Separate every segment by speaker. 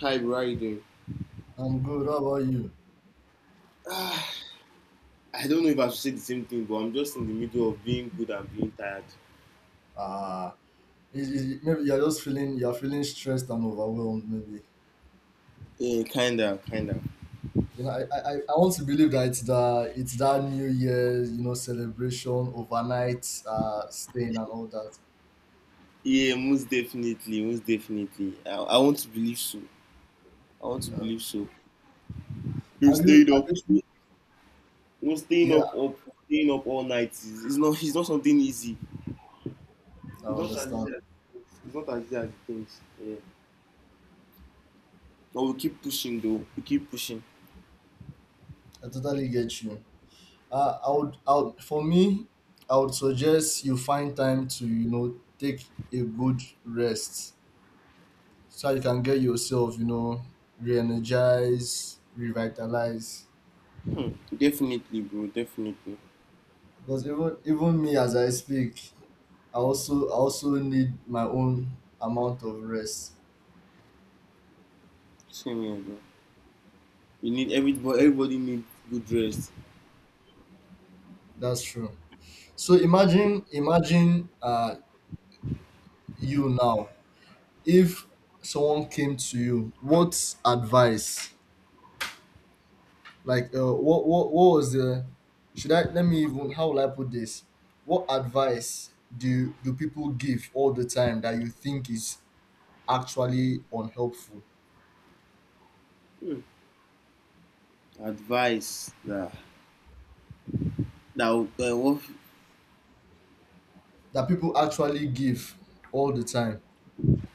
Speaker 1: Hi, bro. How you doing?
Speaker 2: I'm good. How about you?
Speaker 1: Ah, I don't know if I should say the same thing, but I'm just in the middle of being good and being tired.
Speaker 2: Ah, Maybe you're feeling stressed and overwhelmed. Maybe
Speaker 1: Yeah, kinda, kinda.
Speaker 2: you know. I want to believe that it's that New Year celebration overnight staying and all that.
Speaker 1: Yeah, most definitely, most definitely. I want to believe so. I want to
Speaker 2: Uh,
Speaker 1: believe so. You
Speaker 2: have you
Speaker 1: stayed
Speaker 2: have
Speaker 1: up.
Speaker 2: you?
Speaker 1: No staying
Speaker 2: Yeah,
Speaker 1: up, up, staying up all night is it's not something easy.
Speaker 2: I
Speaker 1: It's not as easy
Speaker 2: understand.
Speaker 1: as it thinks. It's not as easy as it thinks. Yeah. But we keep pushing though. We keep pushing.
Speaker 2: I totally get you. For me, I would suggest you find time to take a good rest so you can get yourself re-energize, revitalize.
Speaker 1: Hmm. Definitely, bro. Definitely.
Speaker 2: Because even me as I speak, I also need my own amount of rest.
Speaker 1: Same here, bro. You need every but everybody needs good rest.
Speaker 2: That's true. So imagine you now if someone came to you, what advice? Like what was the, should I, let me even, how will I put this? What advice do people give all the time that you think is actually unhelpful?
Speaker 1: Hmm. Advice that that would what
Speaker 2: That people actually give all the time,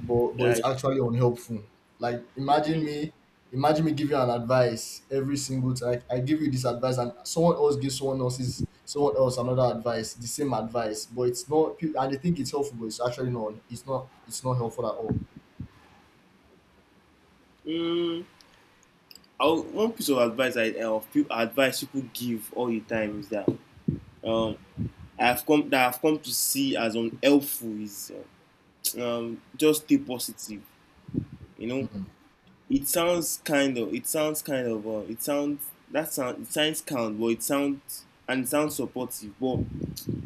Speaker 2: but
Speaker 1: that
Speaker 2: it's
Speaker 1: I
Speaker 2: actually unhelpful? Like imagine
Speaker 1: mm,
Speaker 2: me, imagine me give you an advice every single time. I give you this advice, and someone else gives someone else's someone else another advice, the same advice, but it's not. And they think it's helpful, but it's actually not. It's not. It's not helpful at all.
Speaker 1: mm, I would- one piece of advice advice people give all the time is that um I've come to see as unhelpful is just stay positive. You know,
Speaker 2: Mm.
Speaker 1: it sounds kind of it sounds kind, but it sounds supportive. But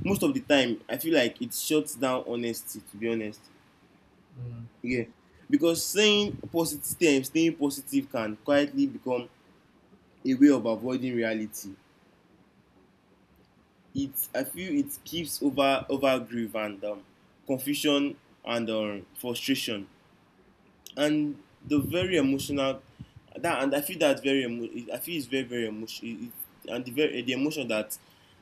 Speaker 1: most of the time, I feel like it shuts down honesty. To be honest,
Speaker 2: Mm.
Speaker 1: yeah. Because saying positive things, staying positive can quietly become a way of avoiding reality. It I feel it keeps over grief and confusion and frustration and the very emotional that and I feel that's very emo- I feel it's very very, emotional and the emotion that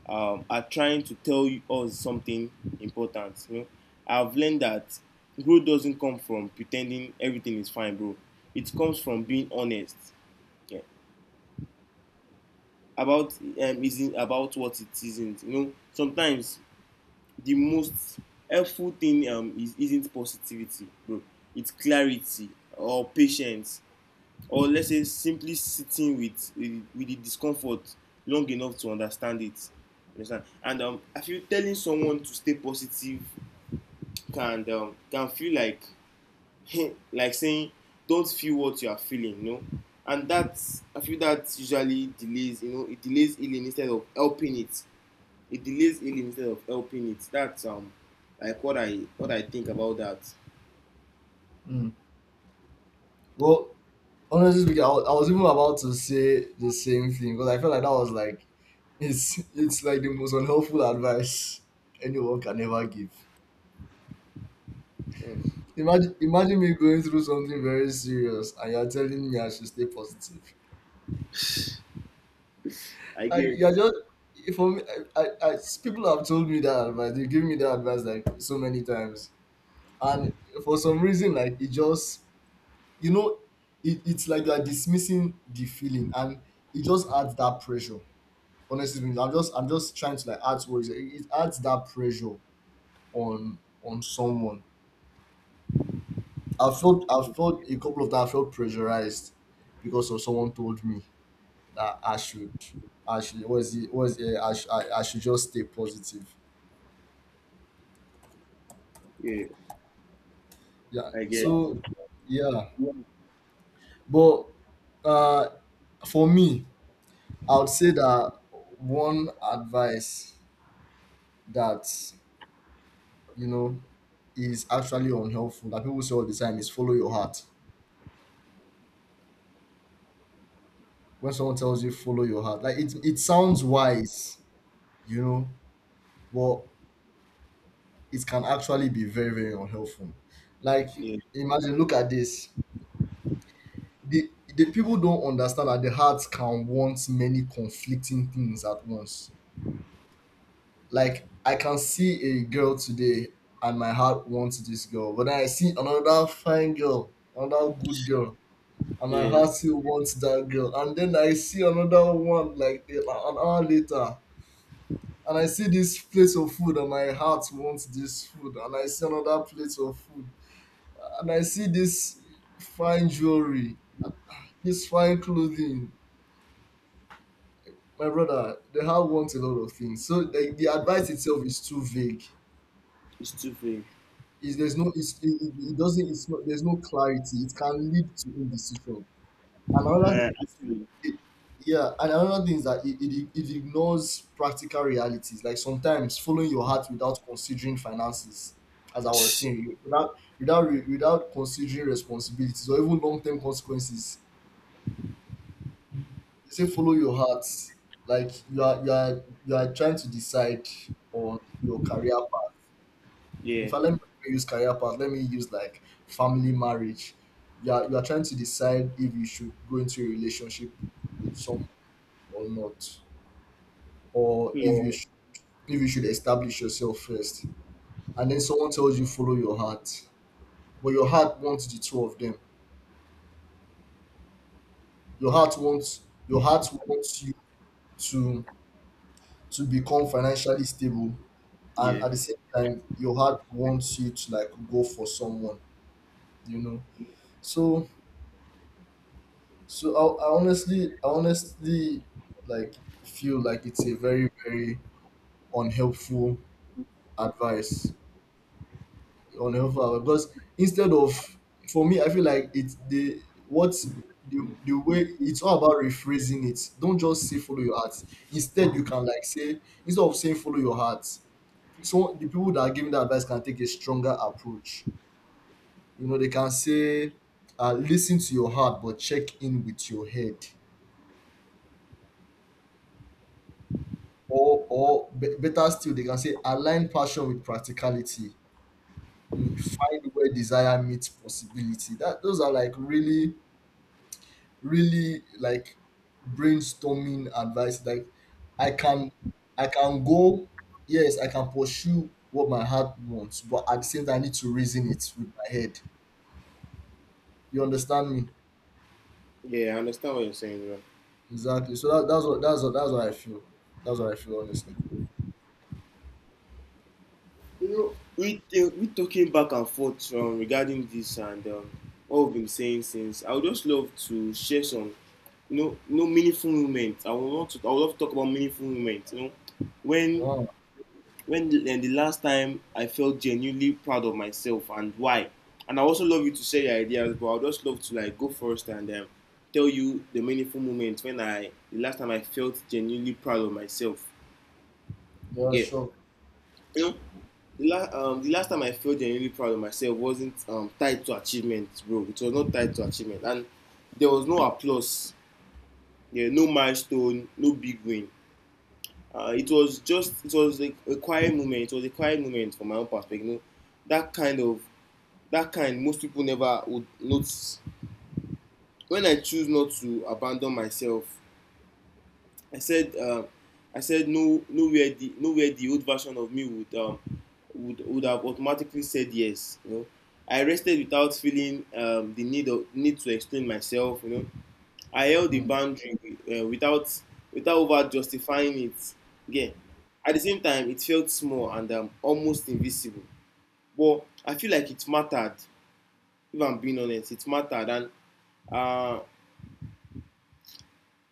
Speaker 1: are trying to tell you us something important. You know, I've learned that growth doesn't come from pretending everything is fine, bro. It comes from being honest, yeah, about isn't about what it isn't. You know, sometimes the most helpful thing is isn't positivity, bro. It's clarity or patience or, let's say, simply sitting with with the discomfort long enough to understand it understand and I feel telling someone to stay positive can feel like like saying, "Don't feel what you are feeling." You know, and that, I feel, that usually delays, you know, it delays healing instead of helping it. It delays healing instead of helping it. That's what I think about that.
Speaker 2: Mm. Well, honestly speaking, I was even about to say the same thing because I felt like that was like, it's like the most unhelpful advice anyone can ever give.
Speaker 1: Mm.
Speaker 2: Imagine me going through something very serious and you're telling me I should stay positive.
Speaker 1: i
Speaker 2: Like
Speaker 1: get
Speaker 2: you're just, for me, I people have told me that advice. They give me that advice like so many times, and for some reason, like it just, you know, it's like you're dismissing the feeling, and it just adds that pressure. Honestly, I'm just trying to like add words. It adds that pressure on someone. I felt a couple of times I felt pressurized because of, someone told me that I should was it I, sh- I should just stay positive.
Speaker 1: yeah
Speaker 2: Yeah.
Speaker 1: I get
Speaker 2: So yeah, but uh, for me, I would say that one advice that you know is actually unhelpful that people say all the time is follow your heart. When someone tells you follow your heart, like it sounds wise, you know, but it can actually be very very unhelpful. Like
Speaker 1: yeah
Speaker 2: imagine, look at this, the the people don't understand that the heart can want many conflicting things at once. Like I can see a girl today and my heart wants this girl, but then I see another fine girl, another good girl, and my
Speaker 1: yeah
Speaker 2: heart still wants that girl. And then I see another one like an hour later, and I see this plate of food and my heart wants this food, and I see another plate of food, and I see this fine jewelry, this fine clothing. My brother, the how wants a lot of things. So like the advice itself is too vague.
Speaker 1: it's too fake.
Speaker 2: Is there's no it's, it doesn't it's not there's no clarity. It can lead to indecision. And another
Speaker 1: Actually,
Speaker 2: it, yeah, and another thing is that it ignores practical realities. Like sometimes following your heart without considering finances, as I was saying, without considering responsibilities or even long term consequences. They say follow your heart. Like you are trying to decide on your career. In
Speaker 1: yeah,
Speaker 2: fact, let me not even use career path. Let me use like family, marriage. You are trying to decide if you should go into a relationship with someone or not, or if
Speaker 1: yeah,
Speaker 2: you should, if you should establish yourself first. And then someone tells you follow your heart, but your heart wants the two of them. Your heart wants your heart wants you to to become financially stable, and
Speaker 1: Yeah,
Speaker 2: at the same time, your heart wants you to like go for someone. You know, so So I honestly like feel like it's a very, very unhelpful advice, unhelpful advice. Because instead of, for me, I feel like it's the, what the, the way it's all about rephrasing it. Don't just say follow your heart. Instead, you can like say, instead of saying follow your heart, so the people that are giving the advice can take a stronger approach. You know, they can say, listen to your heart, but check in with your head, better still they can say, align passion with practicality. Find where desire meets possibility. That those are like really really like brainstorming advice. Like i can I can go, yes, I can pursue what my heart wants, but at the same time I need to reason it with my head. You understand me?
Speaker 1: yeah. I understand what you're saying, bro.
Speaker 2: Exactly. So That's what I feel honestly.
Speaker 1: You know, we talking back and forth, regarding this and what we've been saying since. I would just love to share some, you know, meaningful moments. I would want to. I would love to talk about meaningful moments. You know, when,
Speaker 2: Wow.
Speaker 1: The last time I felt genuinely proud of myself and why? And I also love you to share your ideas, but I'd just love to like go first and tell you the meaningful moment when I the last time I felt genuinely proud of myself.
Speaker 2: Yeah,
Speaker 1: Okay,
Speaker 2: sure.
Speaker 1: you know, the last time I felt genuinely proud of myself wasn't tied to achievement, bro. It was not tied to achievement, and there was no applause, yeah, no milestone, no big win. Uh, it was a quiet moment. It was a quiet moment from my own perspective. You know, that kind of that kind most people never would notice. When I choose not to abandon myself, I said, uh, I said no, nowhere the old version of me would would have automatically said yes. You know, I rested without feeling the need to explain myself. You know, I held the
Speaker 2: Mm.
Speaker 1: boundary without without over justifying it. Again, at the same time, it felt small and almost invisible. But I feel like it mattered. If I'm being honest, it mattered. And uh,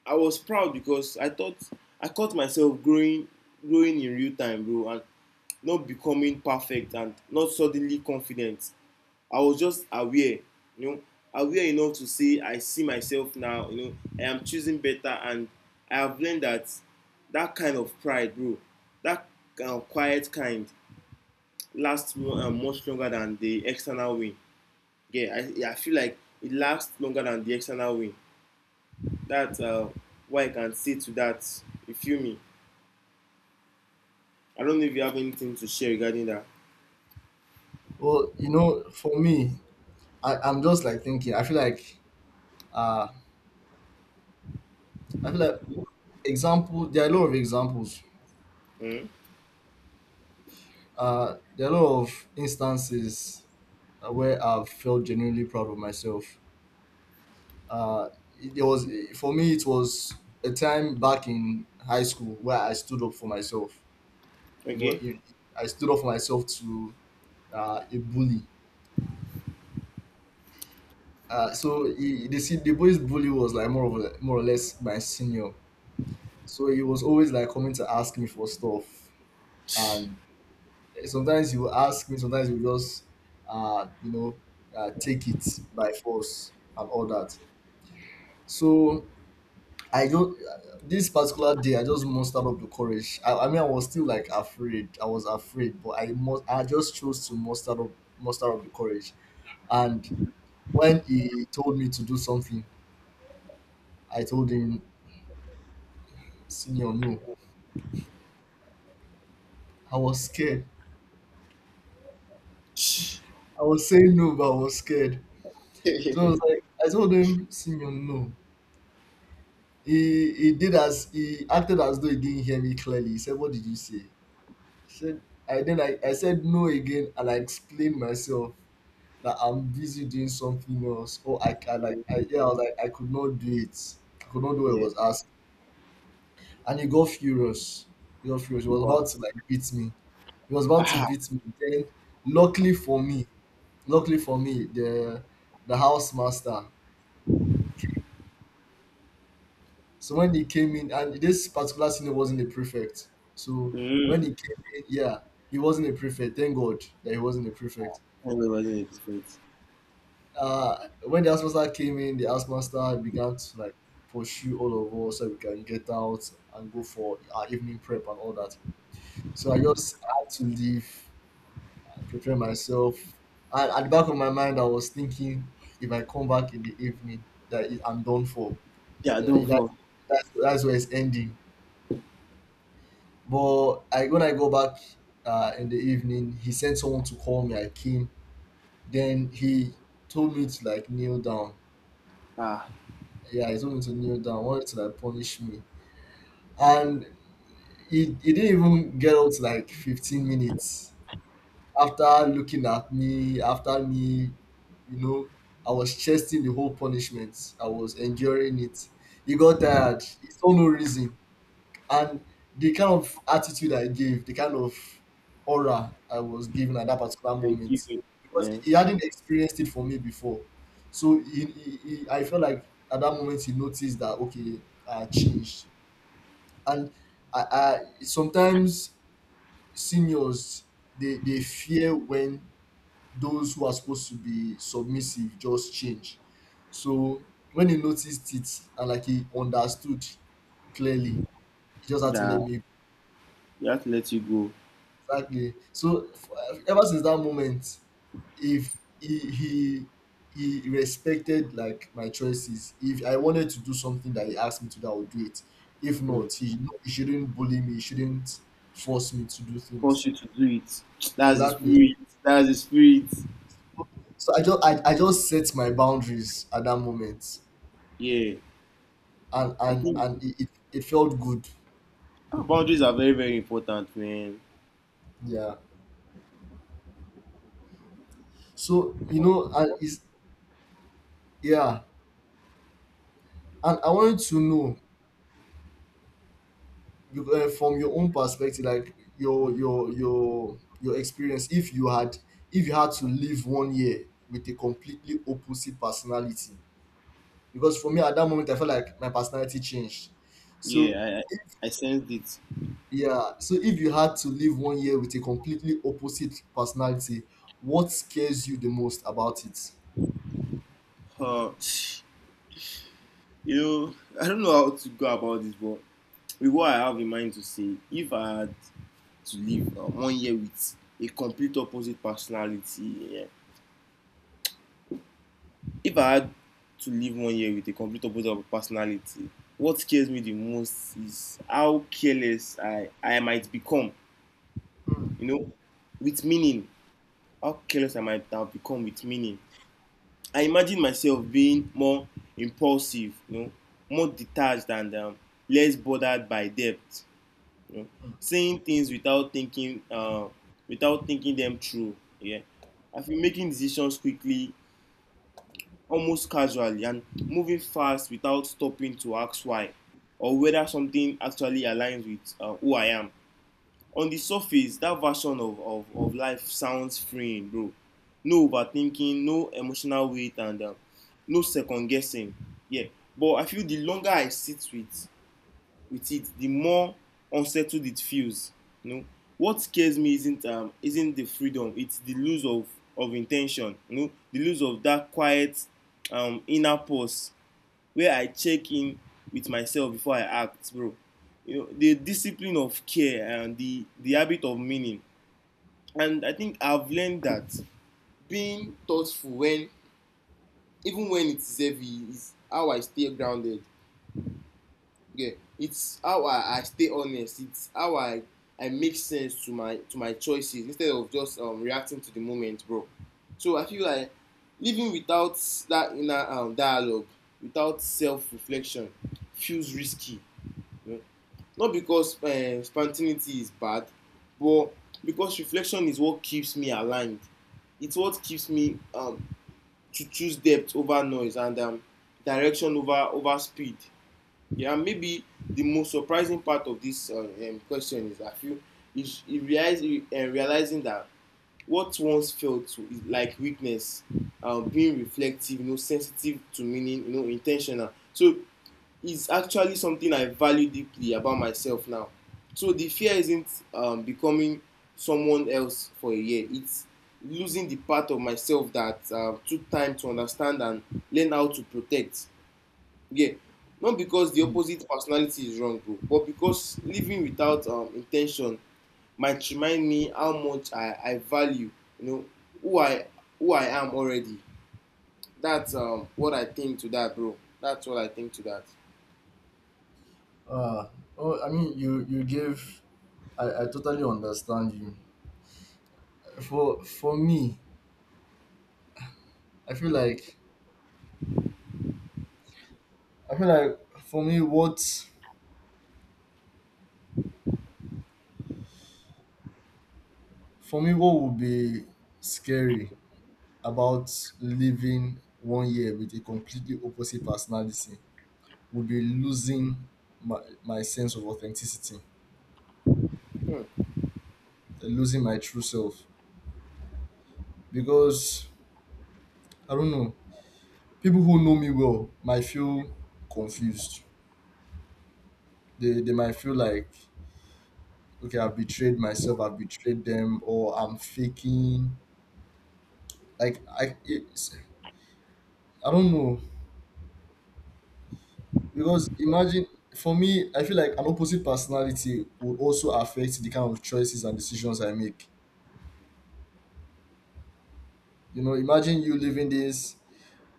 Speaker 1: I was proud because I thought I caught myself growing, growing in real time, bro, and not becoming perfect and not suddenly confident. I was just aware, you know, aware enough to say, "I see myself now." You know, I am choosing better, and I have learned that that kind of pride, bro, that quiet kind, lasts much longer than the external win. Yeah, I feel like it lasts longer than the external win. That's what I can say to that. You feel me? I don't know if you have anything to share regarding that.
Speaker 2: Well, for me, I'm just like thinking. I feel like uh, I feel like example. There are a lot of examples.
Speaker 1: Mm?
Speaker 2: There are a lot of instances where I've felt genuinely proud of myself. Uh, it was, for me, it was a time back in high school where I stood up for myself. You know,
Speaker 1: Okay.
Speaker 2: I stood up for myself to a bully. So the boy's bully was like, more or less my senior. So he was always like coming to ask me for stuff, and sometimes you ask me, sometimes you just, uh, you know, take it by force and all that. So I just this particular day, I just mustered up the courage. I mean, I was still like afraid. I was afraid, but I must. I just chose to muster up the courage. And when he told me to do something, I told him, "Senior, no." I was scared. I was saying no, but I was scared. So I was like, I told him, "Senior, no." He did as he acted as though he didn't hear me clearly. He said, "What did you say?" I said, I said no again, and I explained myself that I'm busy doing something else. Oh, I can like I yeah, I was like, I could not do it. I could not do what I
Speaker 1: Yeah.
Speaker 2: was asked, and he got furious. He got furious. He was
Speaker 1: Wow.
Speaker 2: about to like beat me. He was about to
Speaker 1: Aha.
Speaker 2: beat me. Then, luckily for me, luckily for me, the house master. So when he came in, and this particular senior wasn't a prefect. So when he
Speaker 1: Mm.
Speaker 2: came in, yeah, he wasn't a prefect. Thank God that he wasn't a prefect.
Speaker 1: Anyway, wasn't
Speaker 2: So,
Speaker 1: perfect?
Speaker 2: when the housemaster came in, the housemaster began to like pursue all of us so we can get out and go for our evening prep and all that. So I just had to leave, prepare myself. And at the back of my mind, I was thinking, if I come back in the evening, I'm done for.
Speaker 1: Yeah,
Speaker 2: Yeah,
Speaker 1: don't
Speaker 2: that's,
Speaker 1: fall.
Speaker 2: that's that's where it's ending. But I when I go back in the evening, he sent someone to call me. I came. Then he told me to like kneel down.
Speaker 1: Ah,
Speaker 2: Yeah, he told me to kneel down. Wanted to like punish me, and he didn't even get out to like 15 minutes after looking at me. After me, you know, I was chesting the whole punishment. I was enduring it. He got tired. He saw no reason. And the kind of attitude I gave, the kind of aura I was given at that particular
Speaker 1: they give
Speaker 2: moment,
Speaker 1: you
Speaker 2: because
Speaker 1: eh,
Speaker 2: he hadn't experienced it for me before. So I felt like at that moment he noticed that, okay, I changed. And I sometimes seniors, they fear when those who are supposed to be submissive just change. So when he noticed it and like he understood clearly, he just had to let
Speaker 1: that
Speaker 2: me.
Speaker 1: they have to let you go.
Speaker 2: Exactly. So ever since that moment, if he he respected like my choices. If I wanted to do something that he asked me to do, I would do it. If
Speaker 1: Mm.
Speaker 2: not, he shouldn't bully me. He shouldn't force me to do
Speaker 1: Force
Speaker 2: things.
Speaker 1: you to do it. That's the
Speaker 2: Exactly.
Speaker 1: spirit. That's the spirit.
Speaker 2: So I just set my boundaries at that moment,
Speaker 1: Yeah.
Speaker 2: and
Speaker 1: I
Speaker 2: and
Speaker 1: think
Speaker 2: and it felt good.
Speaker 1: boundaries are very, very important, man.
Speaker 2: Yeah. So and is yeah, and I wanted to know, from your own perspective, like your experience, if you had, to live one year with a completely opposite personality, because for me at that moment I felt like my personality changed. So
Speaker 1: Yeah, I sensed it.
Speaker 2: yeah, so if you had to live one year with a completely opposite personality, what scares you the most about it?
Speaker 1: Uh, You know, I don't know how to go about this, but with what I have in mind to say, if I had to live one year with a complete opposite personality, yeah, if I had to live one year with a complete opposite personality, what scares me the most is how careless I might become,
Speaker 2: Hmm.
Speaker 1: you know, with meaning. How careless I might have become with meaning. I imagine myself being more impulsive, you know, more detached and less bothered by debt. You know, saying things without thinking without thinking them through. Yeah, I feel making decisions quickly, almost casually, and moving fast without stopping to ask why or whether something actually aligns with who I am. On the surface, that version of life sounds freeing, bro. No overthinking, no emotional weight, and no second guessing. Yeah, but I feel the longer I sit with it, the more unsettled it feels. You know, what scares me isn't the freedom; it's the lose of intention. You know, the lose of that quiet inner pause where I check in with myself before I act, bro. You know, the discipline of care and the habit of meaning. And I think I've learned that being thoughtful when even when it's heavy is how I stay grounded. Yeah, it's how I stay honest. It's how I make sense to my choices instead of just reacting to the moment, bro. So I feel like living without that inner dialogue, without self reflection, feels risky. You know? Not because spontaneity is bad, but because reflection is what keeps me aligned. It's what keeps me to choose depth over noise and direction over over speed. Yeah, maybe the most surprising part of this question is, I feel, is realizing that what once felt to, is like weakness, being reflective, you know, sensitive to meaning, you know, intentional, so it's actually something I value deeply about myself now. So the fear isn't becoming someone else for a year. It's losing the part of myself that took time to understand and learn how to protect. Yeah. Not because the
Speaker 2: Hmm.
Speaker 1: opposite personality is wrong, bro, but because living without intention might remind me how much I value, you know, who I who I am already. That's what I think to that, bro. That's what I think to that.
Speaker 2: Uh, oh, I mean, you gave. I totally understand you. For me, I feel like I feel like for me, what what would be scary about living one year with a completely opposite personality would be losing my sense of authenticity,
Speaker 1: Hmm.
Speaker 2: like losing my true self. Because I don't know, people who know me well might feel confused. They might feel like, okay, I've betrayed myself, I've betrayed them, or I'm faking. Like I don't know. Because imagine, for me, I feel like an opposite personality would also affect the kind of choices and decisions I make. You know, imagine you living this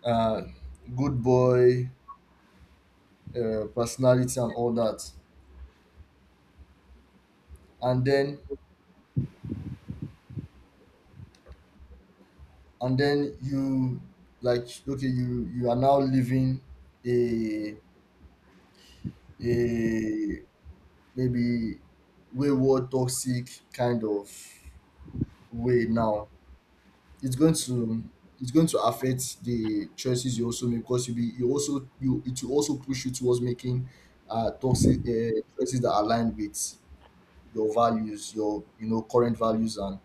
Speaker 2: uh, good boy personality and all that, and then you like okay, you are now living a a maybe wayward, toxic kind of way. Now it's going to it's going to affect the choices you also make, because you be you also you it will also push you towards making toxic choices that align with your values, your current values and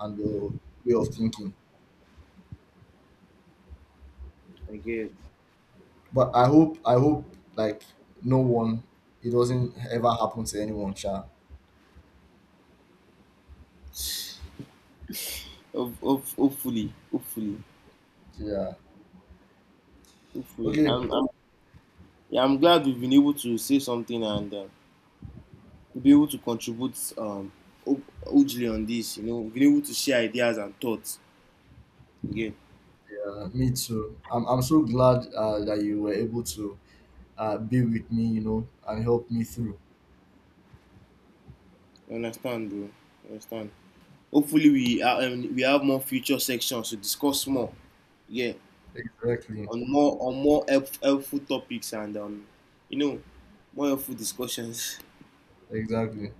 Speaker 2: your way of thinking.
Speaker 1: I guess.
Speaker 2: But I hope like, no one, it doesn't ever happen to anyone, Sha.
Speaker 1: Hopefully, hopefully,
Speaker 2: Yeah.
Speaker 1: hopefully.
Speaker 2: Okay.
Speaker 1: Yeah, I'm glad we've been able to say something and be able to contribute hu- hugely on this. You know, we've been able to share ideas and thoughts. Yeah,
Speaker 2: Yeah. Me too. I'm so glad that you were able to be with me, and help me through.
Speaker 1: you understand, bro. You understand. Hopefully, we are, we have more future sections to discuss more. Yeah,
Speaker 2: Exactly.
Speaker 1: on more helpful topics and you know, more helpful discussions.
Speaker 2: Exactly.